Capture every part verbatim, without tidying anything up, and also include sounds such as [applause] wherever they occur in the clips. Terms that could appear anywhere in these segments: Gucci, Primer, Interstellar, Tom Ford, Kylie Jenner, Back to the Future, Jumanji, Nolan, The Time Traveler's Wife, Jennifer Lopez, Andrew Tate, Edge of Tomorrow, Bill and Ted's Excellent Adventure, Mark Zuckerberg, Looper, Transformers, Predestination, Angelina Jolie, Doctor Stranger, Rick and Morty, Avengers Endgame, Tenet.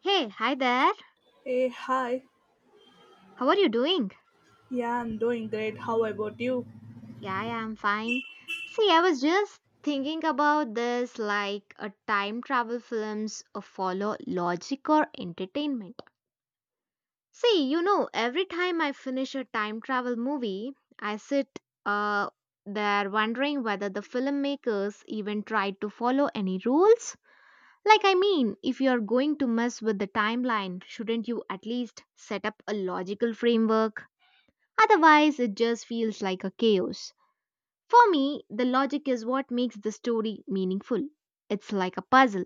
Hey, hi there. Hey, hi. How are you doing? Yeah, I'm doing great. How about you? Yeah, yeah, I'm fine. See, I was just thinking about this like a time travel films uh, follow logic or entertainment. See, you know, every time I finish a time travel movie, I sit uh there wondering whether the filmmakers even tried to follow any rules. Like, I mean, if you're going to mess with the timeline, shouldn't you at least set up a logical framework? Otherwise, it just feels like a chaos. For me, the logic is what makes the story meaningful. It's like a puzzle.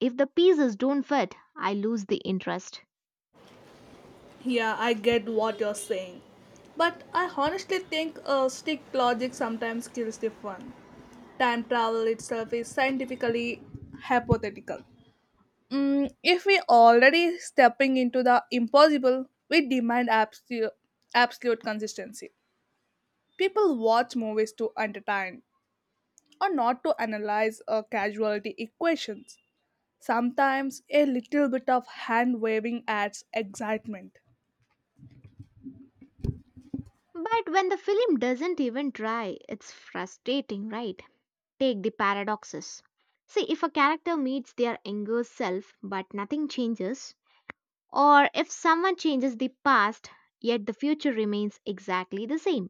If the pieces don't fit, I lose the interest. Yeah, I get what you're saying. But I honestly think uh, strict logic sometimes kills the fun. Time travel itself is scientifically hypothetical. Mm, if we already stepping into the impossible, we demand absolute, absolute consistency. People watch movies to entertain or not to analyze uh, casualty equations. Sometimes a little bit of hand waving adds excitement. But when the film doesn't even try, it's frustrating, right? Take the paradoxes. See, if a character meets their younger self but nothing changes, or if someone changes the past yet the future remains exactly the same.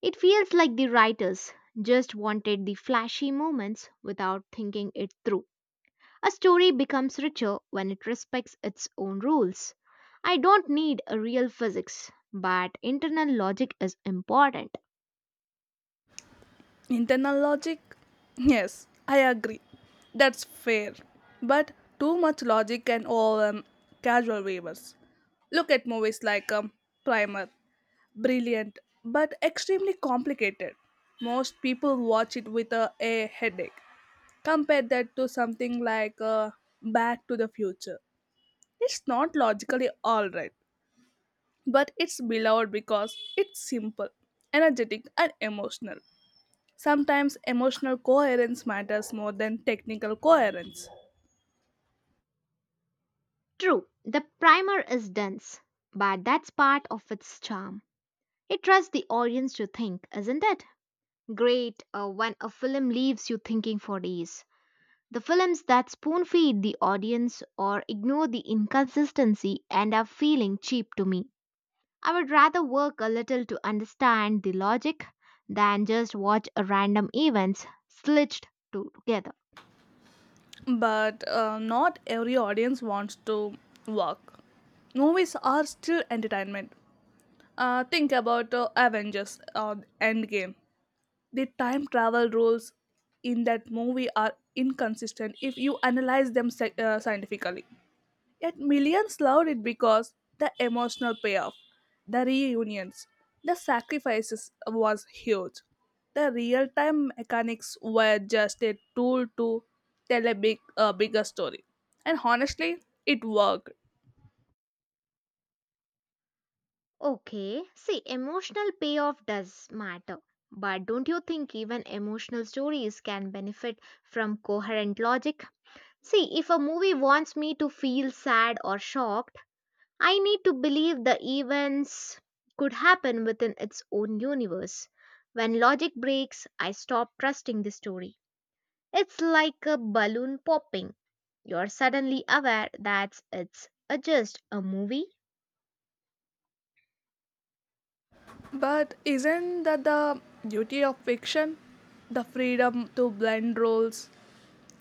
It feels like the writers just wanted the flashy moments without thinking it through. A story becomes richer when it respects its own rules. I don't need a real physics, but internal logic is important. Internal logic? Yes, I agree. That's fair. But too much logic can overwhelm casual viewers. Look at movies like um, Primer. Brilliant, but extremely complicated. Most people watch it with a, a headache. Compare that to something like uh, Back to the Future. It's not logically alright, but it's beloved because it's simple, energetic, and emotional. Sometimes emotional coherence matters more than technical coherence, True, the primer is dense, but that's part of its charm. It trusts the audience to think, isn't it? Great uh, when a film leaves you thinking for days. The films that spoon feed the audience or ignore the inconsistency end up feeling cheap to me. I would rather work a little to understand the logic than just watch a random events slitched to- together. but uh, not every audience wants to work. Movies are still entertainment. Uh, think about uh, Avengers or Endgame. The time travel rules in that movie are inconsistent if you analyze them sci- uh, scientifically. Yet millions loved it because the emotional payoff, the reunions, the sacrifices was huge. The real time mechanics were just a tool to tell a big a bigger story. And honestly, it worked. Okay, see, emotional payoff does matter. But don't you think even emotional stories can benefit from coherent logic? See, if a movie wants me to feel sad or shocked, I need to believe the events could happen within its own universe. When logic breaks, I stop trusting the story. It's like a balloon popping. You're suddenly aware that it's a just a movie. But isn't that the beauty of fiction? The freedom to blend roles.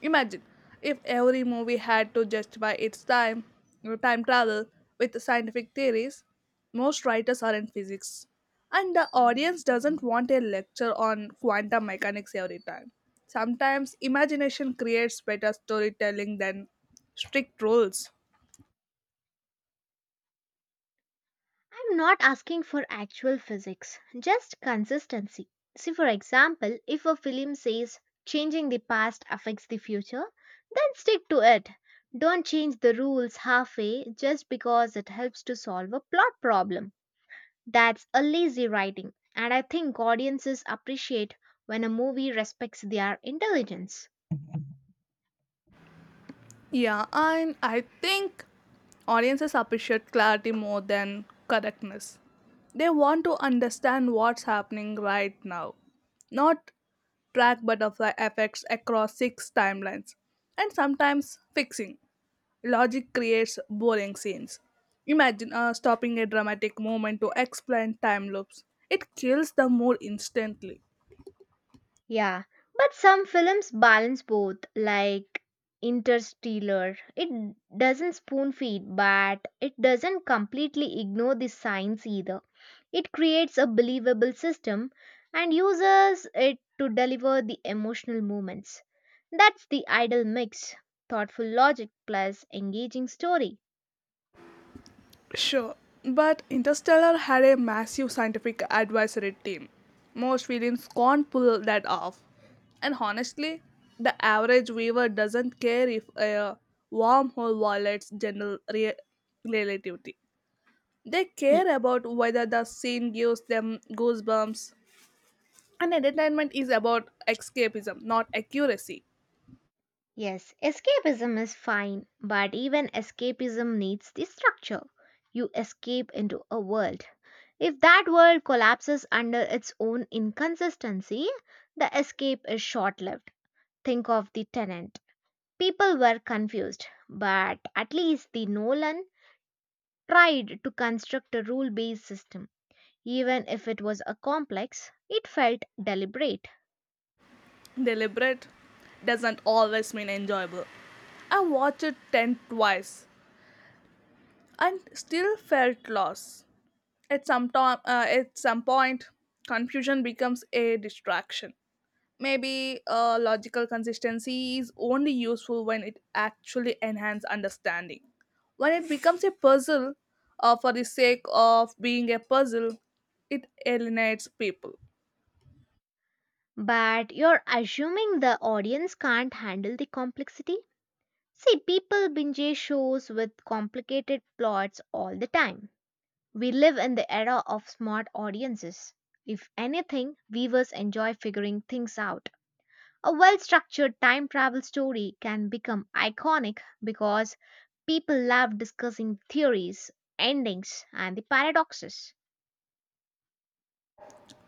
Imagine if every movie had to justify its time, time travel with scientific theories. Most writers are in physics, and the audience doesn't want a lecture on quantum mechanics every time. Sometimes imagination creates better storytelling than strict rules. I'm not asking for actual physics, just consistency. See, for example, if a film says changing the past affects the future, then stick to it. Don't change the rules halfway just because it helps to solve a plot problem. That's a lazy writing, and I think audiences appreciate when a movie respects their intelligence. Yeah, and I think audiences appreciate clarity more than correctness. They want to understand what's happening right now, not track butterfly effects across six timelines, and sometimes fixing. Logic creates boring scenes. Imagine uh, stopping a dramatic moment to explain time loops. It kills the mood instantly. Yeah, but some films balance both, like Interstellar. It doesn't spoon feed, but it doesn't completely ignore the science either. It creates a believable system and uses it to deliver the emotional moments. That's the ideal mix thoughtful logic plus engaging story. Sure, but Interstellar had a massive scientific advisory team. Most films can't pull that off. And honestly, the average viewer doesn't care if a wormhole violates general re- relativity. They care about whether the scene gives them goosebumps. And entertainment is about escapism, not accuracy. Yes, escapism is fine, but even escapism needs the structure. You escape into a world. If that world collapses under its own inconsistency, the escape is short lived. Think of the tenant. People were confused, but at least the Nolan tried to construct a rule based system. Even if it was a complex, it felt deliberate. Deliberate doesn't always mean enjoyable. I watched it ten twice and still felt lost. At some, time, uh, at some point, confusion becomes a distraction. Maybe uh, logical consistency is only useful when it actually enhances understanding. When it becomes a puzzle uh, for the sake of being a puzzle, it alienates people. But you're assuming the audience can't handle the complexity? See, people binge shows with complicated plots all the time. We live in the era of smart audiences. If anything, viewers enjoy figuring things out. A well structured time travel story can become iconic because people love discussing theories, endings, and the paradoxes.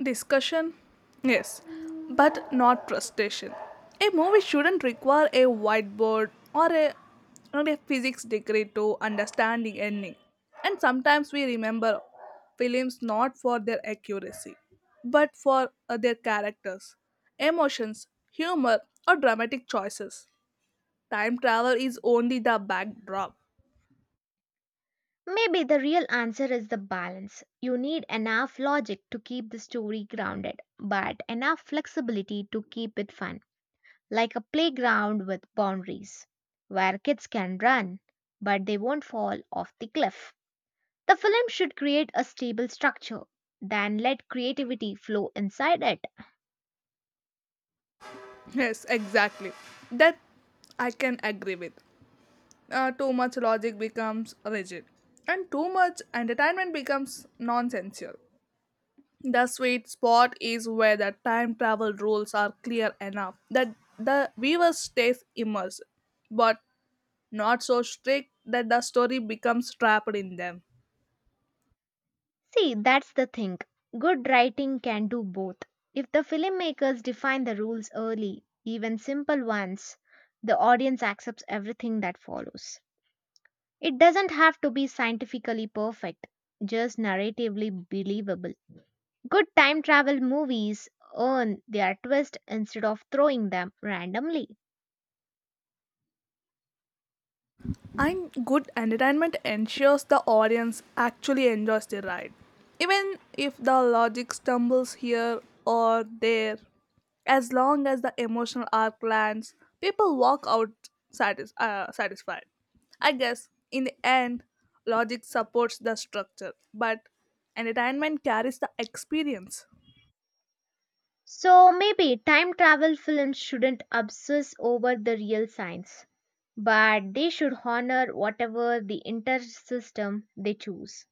Discussion? Yes, but not frustration. A movie shouldn't require a whiteboard or a, not a physics degree to understand the ending. And sometimes we remember films not for their accuracy, but for uh, their characters, emotions, humor, or dramatic choices. Time travel is only the backdrop. Maybe the real answer is the balance. You need enough logic to keep the story grounded, but enough flexibility to keep it fun. Like a playground with boundaries where kids can run but they won't fall off the cliff. The film should create a stable structure, then let creativity flow inside it. Yes, exactly. That I can agree with. Uh, too much logic becomes rigid, and too much entertainment becomes nonsensical. The sweet spot is where the time travel rules are clear enough that the viewer stays immersed, but not so strict that the story becomes trapped in them. See, that's the thing. Good writing can do both. If the filmmakers define the rules early, even simple ones, the audience accepts everything that follows. It doesn't have to be scientifically perfect, just narratively believable. Good time travel movies earn their twist instead of throwing them randomly. And good entertainment ensures the audience actually enjoys the ride. Even if the logic stumbles here or there, as long as the emotional arc lands, people walk out satis- uh, satisfied. I guess in the end, logic supports the structure, but entertainment carries the experience. So maybe time travel films shouldn't obsess over the real science, but they should honor whatever the intersystem they choose.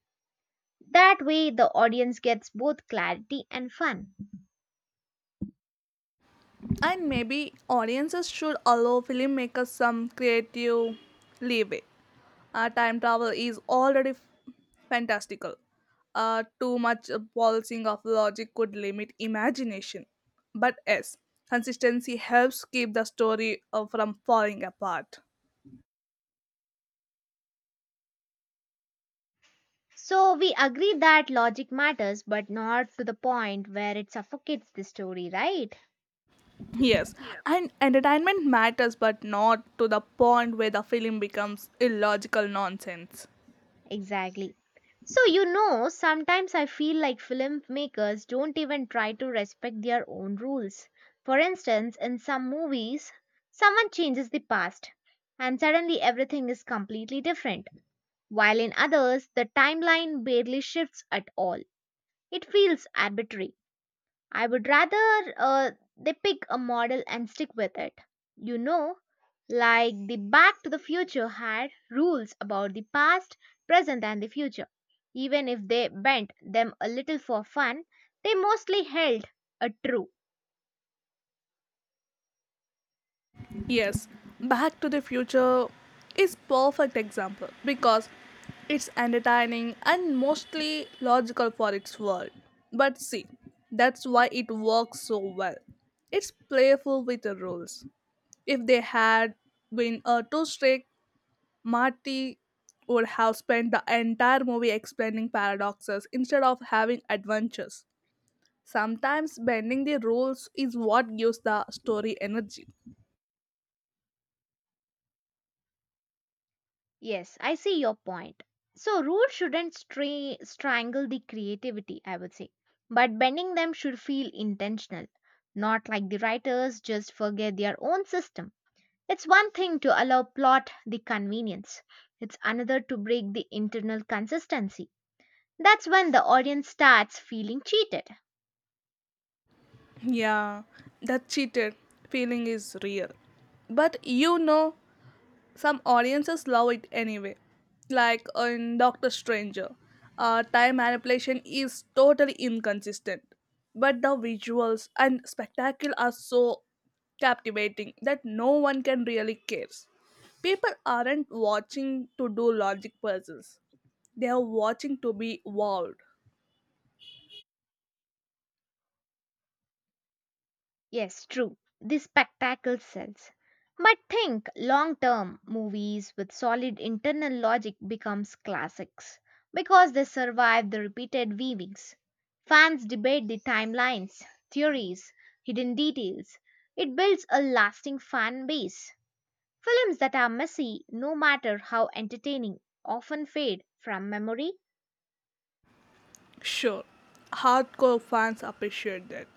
That way, the audience gets both clarity and fun. And maybe audiences should allow filmmakers some creative leeway. Uh, time travel is already f- fantastical. Uh, too much polishing of logic could limit imagination. But yes, consistency helps keep the story uh, from falling apart. So we agree that logic matters, but not to the point where it suffocates the story, right? Yes, and entertainment matters, but not to the point where the film becomes illogical nonsense. Exactly. So, you know, sometimes I feel like filmmakers don't even try to respect their own rules. For instance, in some movies, someone changes the past, and suddenly everything is completely different, while in others, the timeline barely shifts at all. It feels arbitrary. I would rather uh, they pick a model and stick with it. You know, like the Back to the Future had rules about the past, present, and the future. Even if they bent them a little for fun, they mostly held a true. Yes, Back to the Future is perfect example because it's entertaining and mostly logical for its world. But see, that's why it works so well. It's playful with the rules. If they had been a too strict, Marty would have spent the entire movie explaining paradoxes instead of having adventures. Sometimes bending the rules is what gives the story energy. Yes, I see your point. So, rules shouldn't stra- strangle the creativity, I would say. But bending them should feel intentional, not like the writers just forget their own system. It's one thing to allow plot the convenience, it's another to break the internal consistency. That's when the audience starts feeling cheated. Yeah, that cheated feeling is real. But you know, some audiences love it anyway. Like in Doctor Stranger, uh, time manipulation is totally inconsistent. But the visuals and spectacle are so captivating that no one can really cares. People aren't watching to do logic puzzles. They are watching to be wowed. Yes, true, the spectacle sells. But think long term movies with solid internal logic becomes classics because they survive the repeated viewings. Fans debate the timelines, theories, hidden details. It builds a lasting fan base. Films that are messy, no matter how entertaining, often fade from memory. Sure, hardcore fans appreciate that.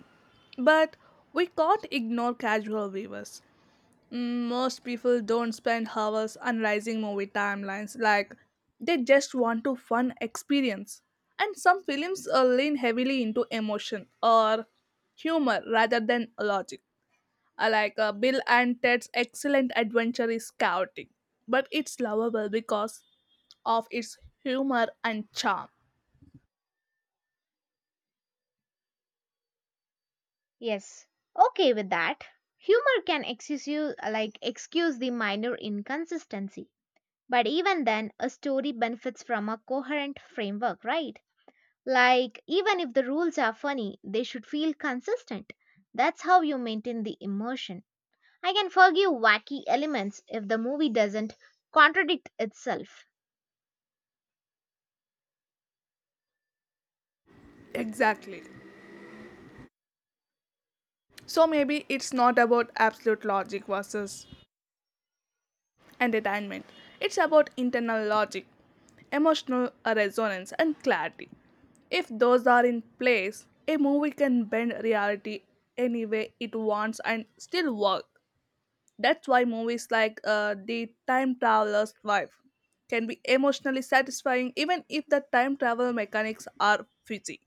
But we can't ignore casual viewers. Mm, Most people don't spend hours analyzing movie timelines, like, they just want to fun experience. And some films uh, lean heavily into emotion or humor rather than logic. Uh, Like uh, Bill and Ted's Excellent Adventure is chaotic, but it's lovable because of its humor and charm. Yes, okay with that. Humor can excuse you, like excuse the minor inconsistency. But even then, a story benefits from a coherent framework, right? Like, even if the rules are funny, they should feel consistent. That's how you maintain the immersion. I can forgive wacky elements if the movie doesn't contradict itself. Exactly. So maybe it's not about absolute logic versus entertainment. It's about internal logic, emotional resonance, and clarity. If those are in place, a movie can bend reality any way it wants and still work. That's why movies like uh, The Time Traveler's Wife can be emotionally satisfying even if the time travel mechanics are fuzzy.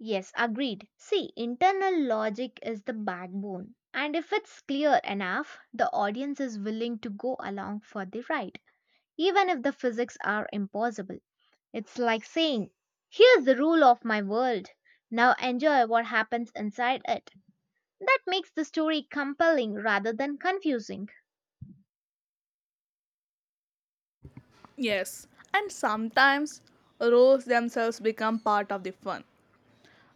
Yes, agreed. See, internal logic is the backbone. And if it's clear enough, the audience is willing to go along for the ride, even if the physics are impossible. It's like saying, here's the rule of my world. Now enjoy what happens inside it. That makes the story compelling rather than confusing. Yes, and sometimes roles themselves become part of the fun.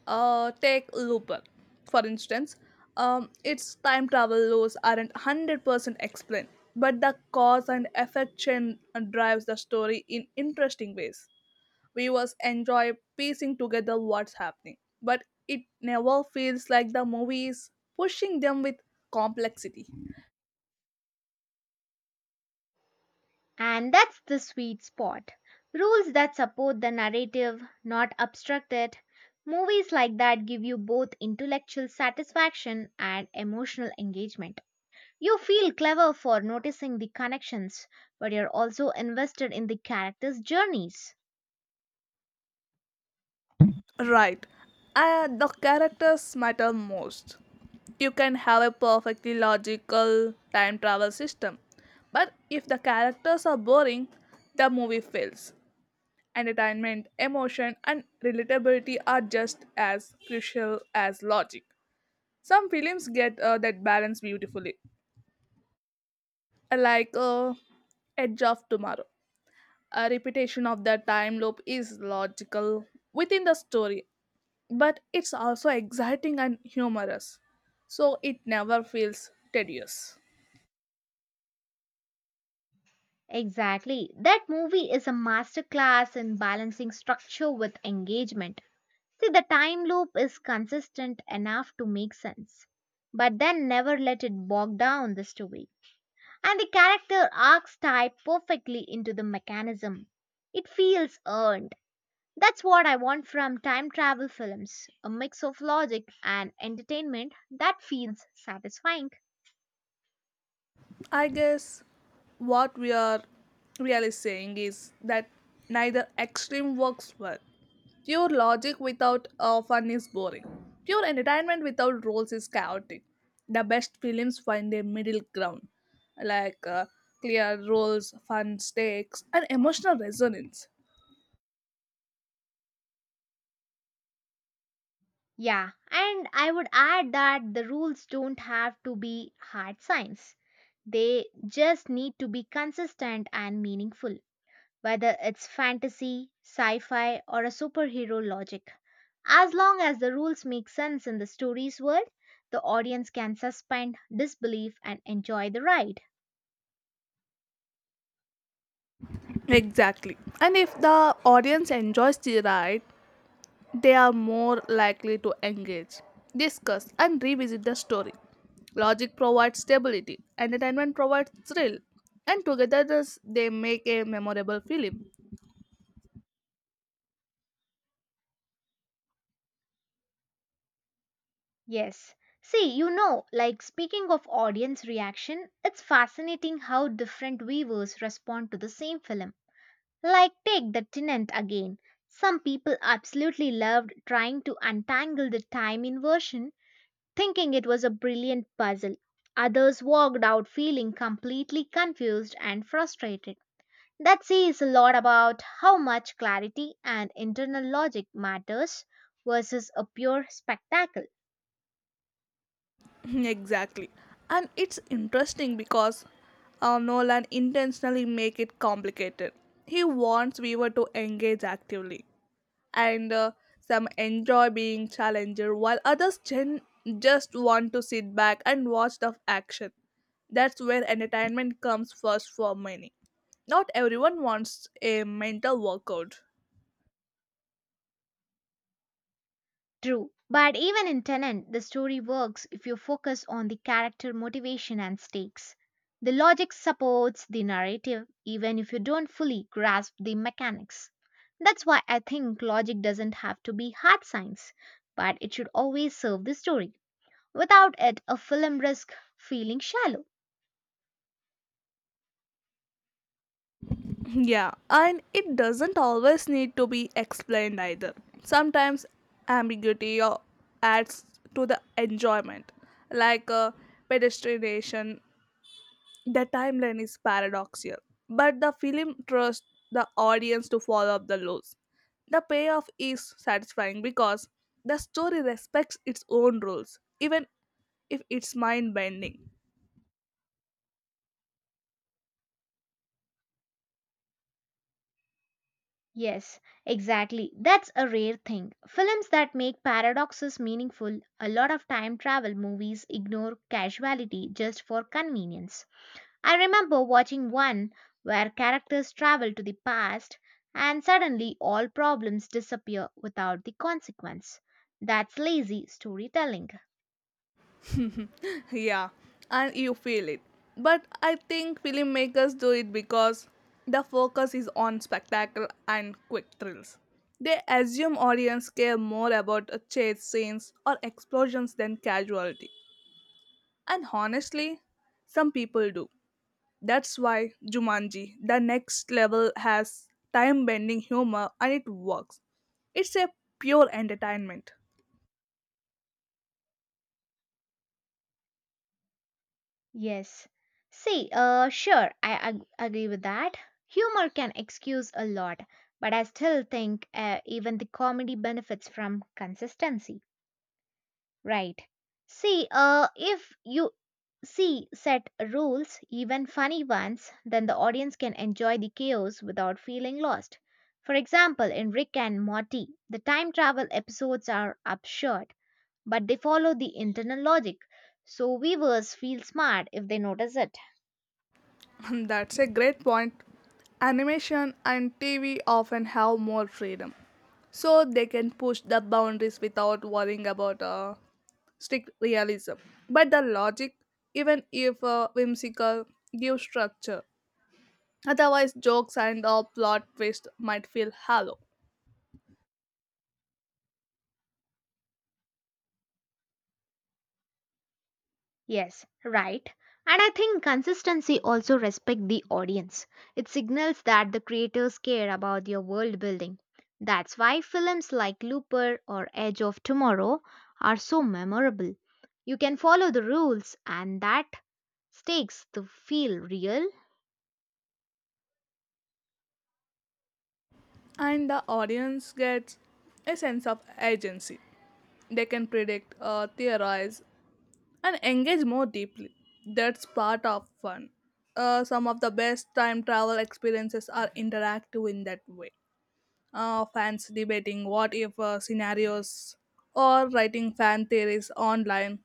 Uh, take Looper, for instance. Um, its time travel laws aren't one hundred percent explained, but the cause and effect chain drives the story in interesting ways. Viewers enjoy piecing together what's happening, but it never feels like the movie is pushing them with complexity. And that's the sweet spot. Rules that support the narrative, not obstruct it. Movies like that give you both intellectual satisfaction and emotional engagement. You feel clever for noticing the connections, but you're also invested in the characters' journeys. Right. Uh, the characters matter most. You can have a perfectly logical time travel system, but if the characters are boring, the movie fails. Entertainment, emotion, and relatability are just as crucial as logic. Some films get uh, that balance beautifully, like uh, Edge of Tomorrow. A repetition of the time loop is logical within the story, but it's also exciting and humorous, so it never feels tedious. Exactly. That movie is a masterclass in balancing structure with engagement. See, the time loop is consistent enough to make sense, but then never let it bog down the story. And the character arcs tie perfectly into the mechanism. It feels earned. That's what I want from time travel films a mix of logic and entertainment that feels satisfying. I guess what we are really saying is that neither extreme works well. Pure logic without uh, fun is boring. Pure entertainment without rules is chaotic. The best films find a middle ground, like uh, clear rules, fun stakes, and emotional resonance. Yeah, and I would add that the rules don't have to be hard science, they just need to be consistent and meaningful. Whether it's fantasy, sci fi, or a superhero logic. As long as the rules make sense in the story's world, the audience can suspend disbelief and enjoy the ride. Exactly. And if the audience enjoys the ride, they are more likely to engage, discuss, and revisit the story. Logic provides stability, entertainment provides thrill, and together thus they make a memorable film. Yes. See, you know, like speaking of audience reaction, it's fascinating how different viewers respond to the same film. Like, take The Tenant again. Some people absolutely loved trying to untangle the time inversion thinking it was a brilliant puzzle. Others walked out feeling completely confused and frustrated. That says a lot about how much clarity and internal logic matters versus a pure spectacle. [laughs] Exactly. And it's interesting because uh, Nolan intentionally make it complicated. He wants viewer to engage actively, and uh, some enjoy being challenged while others gen- just want to sit back and watch the action. That's where entertainment comes first for many. Not everyone wants a mental workout. True, but even in Tenant, the story works if you focus on the character motivation and stakes. The logic supports the narrative even if you don't fully grasp the mechanics. That's why I think logic doesn't have to be hard science, but it should always serve the story. Without it, a film risks feeling shallow. [laughs] Yeah, and it doesn't always need to be explained either. Sometimes ambiguity or adds to the enjoyment, like uh, pedestrianization. The timeline is paradoxical, but the film trusts the audience to follow up the lows. The payoff is satisfying because the story respects its own rules, even if it's mind bending. Yes, exactly. That's a rare thing. Films that make paradoxes meaningful, a lot of time travel movies ignore casuality just for convenience. I remember watching one where characters travel to the past and suddenly all problems disappear without the consequence. That's lazy storytelling. [laughs] Yeah, and you feel it. But I think filmmakers do it because the focus is on spectacle and quick thrills. They assume audience care more about uh, chase scenes or explosions than casualty. And honestly, some people do. That's why Jumanji, the Next Level, has time bending humor and it works. It's a pure entertainment. Yes. See, uh, sure, I ag- agree with that. Humor can excuse a lot, but I still think uh, even the comedy benefits from consistency. Right. See, uh, if you see set rules, even funny ones, then the audience can enjoy the chaos without feeling lost. For example, in Rick and Morty, the time travel episodes are absurd, but they follow the internal logic, so viewers feel smart if they notice it. [laughs] That's a great point. Animation and T V often have more freedom, so they can push the boundaries without worrying about uh, strict realism. But the logic, even if uh, whimsical, gives structure. Otherwise, jokes and uh, plot twists might feel hollow. Yes, right. And I think consistency also respect the audience. It signals that the creators care about your world building. That's why films like Looper or Edge of Tomorrow are so memorable. You can follow the rules and that stakes to feel real. And the audience gets a sense of agency. They can predict, uh, theorize, and engage more deeply. That's part of fun. Uh, some of the best time travel experiences are interactive in that way. Uh, fans debating what if uh, scenarios or writing fan theories online,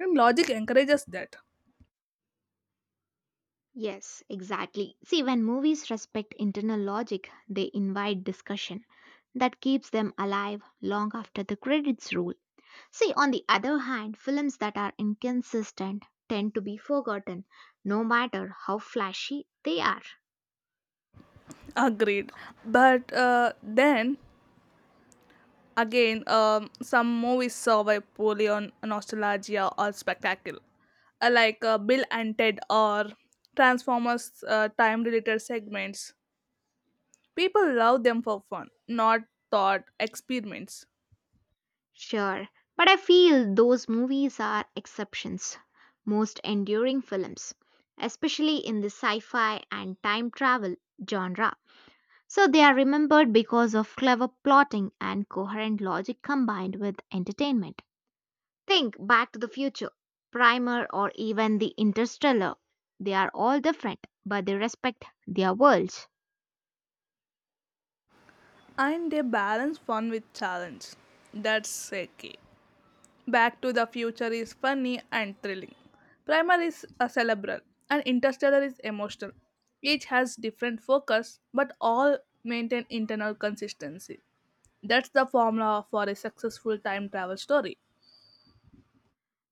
and logic encourages that. Yes, exactly. See, when movies respect internal logic, they invite discussion. That keeps them alive long after the credits roll. See, on the other hand, films that are inconsistent tend to be forgotten, no matter how flashy they are. Agreed. But uh, then again, um, some movies survive poorly on nostalgia or spectacle, uh, like uh, Bill and Ted or Transformers uh, time related segments. People love them for fun, not thought experiments. Sure, but I feel those movies are exceptions. Most enduring films, especially in the sci fi and time travel genre. So they are remembered because of clever plotting and coherent logic combined with entertainment. Think Back to the Future, Primer, or even The Interstellar. They are all different, but they respect their worlds. And they balance fun with challenge. That's okay. Back to the Future is funny and thrilling. Primer is a cerebral, and Interstellar is emotional. Each has different focus, but all maintain internal consistency. That's the formula for a successful time travel story.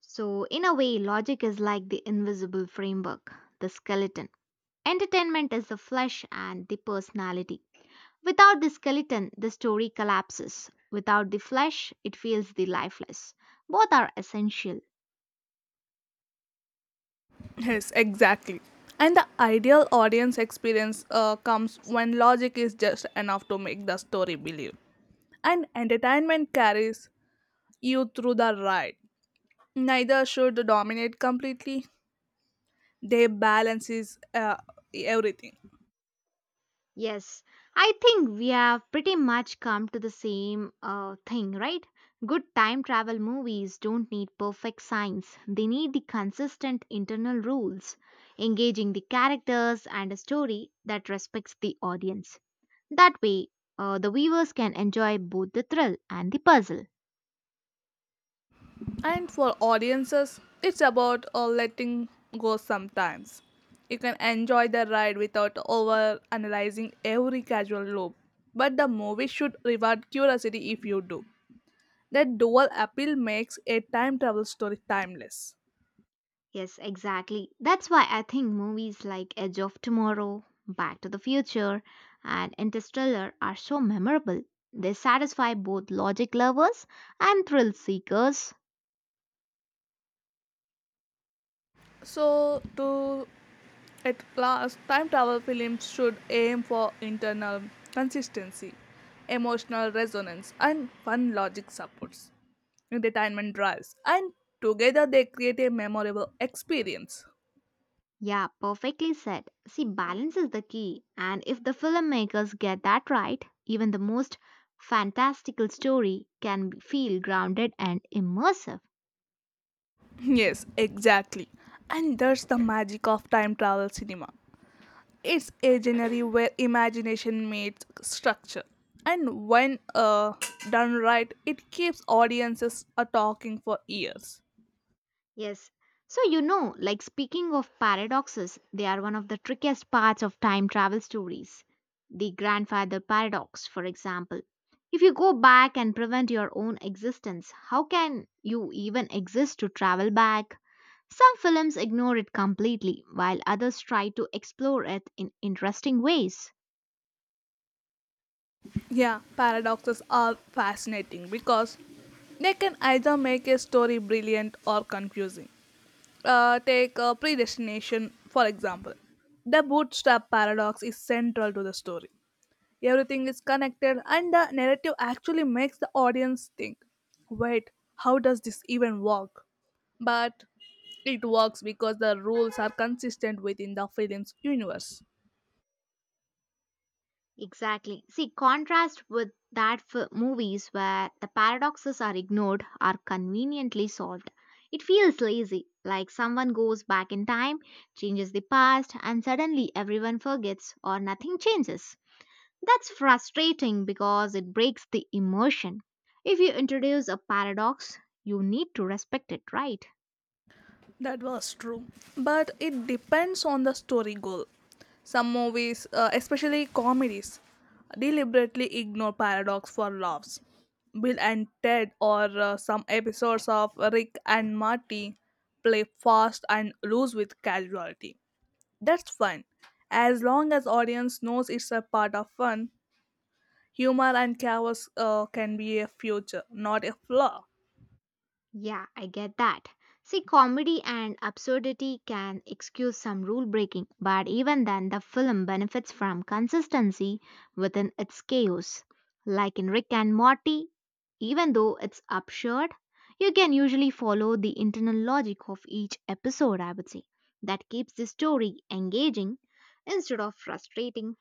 So, in a way, logic is like the invisible framework, the skeleton. Entertainment is the flesh and the personality. Without the skeleton, the story collapses. Without the flesh, it feels the lifeless. Both are essential. Yes, exactly. And the ideal audience experience uh, comes when logic is just enough to make the story believe. And entertainment carries you through the ride. Neither should dominate completely, they balances uh, everything. Yes, I think we have pretty much come to the same uh, thing, right? Good time travel movies don't need perfect science. They need the consistent internal rules, engaging the characters and a story that respects the audience. That way, uh, the viewers can enjoy both the thrill and the puzzle. And for audiences, it's about uh, letting go sometimes. You can enjoy the ride without over analyzing every casual loop. But the movie should reward curiosity if you do. That dual appeal makes a time travel story timeless. Yes, exactly. That's why I think movies like Edge of Tomorrow, Back to the Future, and Interstellar are so memorable. They satisfy both logic lovers and thrill seekers. So, to at last, time travel films should aim for internal consistency, emotional resonance, and fun. Logic supports, entertainment drives, and together they create a memorable experience. Yeah, perfectly said. See, balance is the key, and if the filmmakers get that right, even the most fantastical story can be- feel grounded and immersive. Yes, exactly. And that's the magic of time travel cinema. It's a genre where imagination meets structure. And when uh, done right, it keeps audiences uh, talking for years. Yes. So, you know, like speaking of paradoxes, they are one of the trickiest parts of time travel stories. The grandfather paradox, for example. If you go back and prevent your own existence, how can you even exist to travel back? Some films ignore it completely, while others try to explore it in interesting ways. Yeah, paradoxes are fascinating because they can either make a story brilliant or confusing. Uh, take uh, predestination, for example. The bootstrap paradox is central to the story. Everything is connected, and the narrative actually makes the audience think, wait, how does this even work? But it works because the rules are consistent within the film's universe. Exactly. See, contrast with that for movies where the paradoxes are ignored are conveniently solved. It feels lazy, like someone goes back in time, changes the past, and suddenly everyone forgets or nothing changes. That's frustrating because it breaks the immersion. If you introduce a paradox, you need to respect it, right? That was true. But it depends on the story goal. Some movies, uh, especially comedies, deliberately ignore paradox for laughs. Bill and Ted, or uh, some episodes of Rick and Marty, play fast and loose with casualty. That's fine. As long as audience knows it's a part of fun, humor and chaos uh, can be a future, not a flaw. [laughs] Yeah, I get that. See, comedy and absurdity can excuse some rule breaking, but even then, the film benefits from consistency within its chaos. Like in Rick and Morty, even though it's absurd, you can usually follow the internal logic of each episode, I would say. That keeps the story engaging instead of frustrating.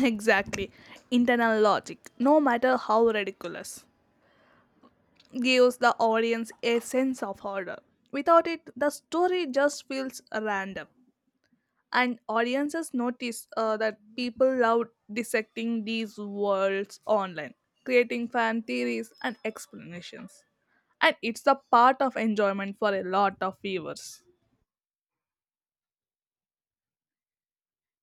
Exactly. Internal logic, no matter how ridiculous, gives the audience a sense of order. Without it, the story just feels random. And audiences notice uh, that people love dissecting these worlds online, creating fan theories and explanations. And it's a part of enjoyment for a lot of viewers.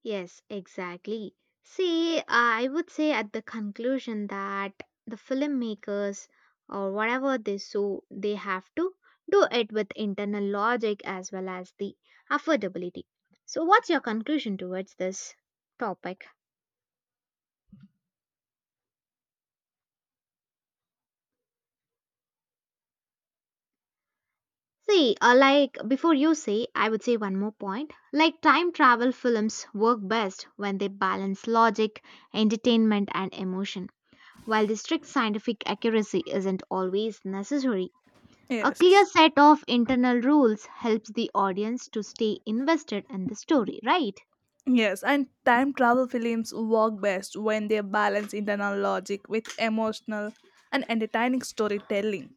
Yes, exactly. See, I would say at the conclusion that the filmmakers or whatever they so they have to do it with internal logic as well as the affordability. So what's your conclusion towards this topic? See, uh, like before you say, I would say one more point. Like time travel films work best when they balance logic, entertainment and emotion. While the strict scientific accuracy isn't always necessary, a Yes. clear set of internal rules helps the audience to stay invested in the story, right? Yes, and time travel films work best when they balance internal logic with emotional and entertaining storytelling.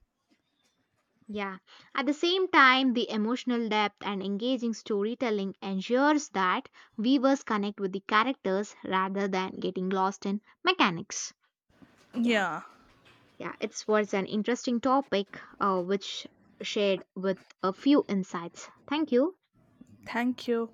Yeah. At the same time, the emotional depth and engaging storytelling ensures that viewers connect with the characters rather than getting lost in mechanics. Yeah. Yeah. Yeah. It's was an interesting topic, uh, which shared with a few insights. Thank you. Thank you.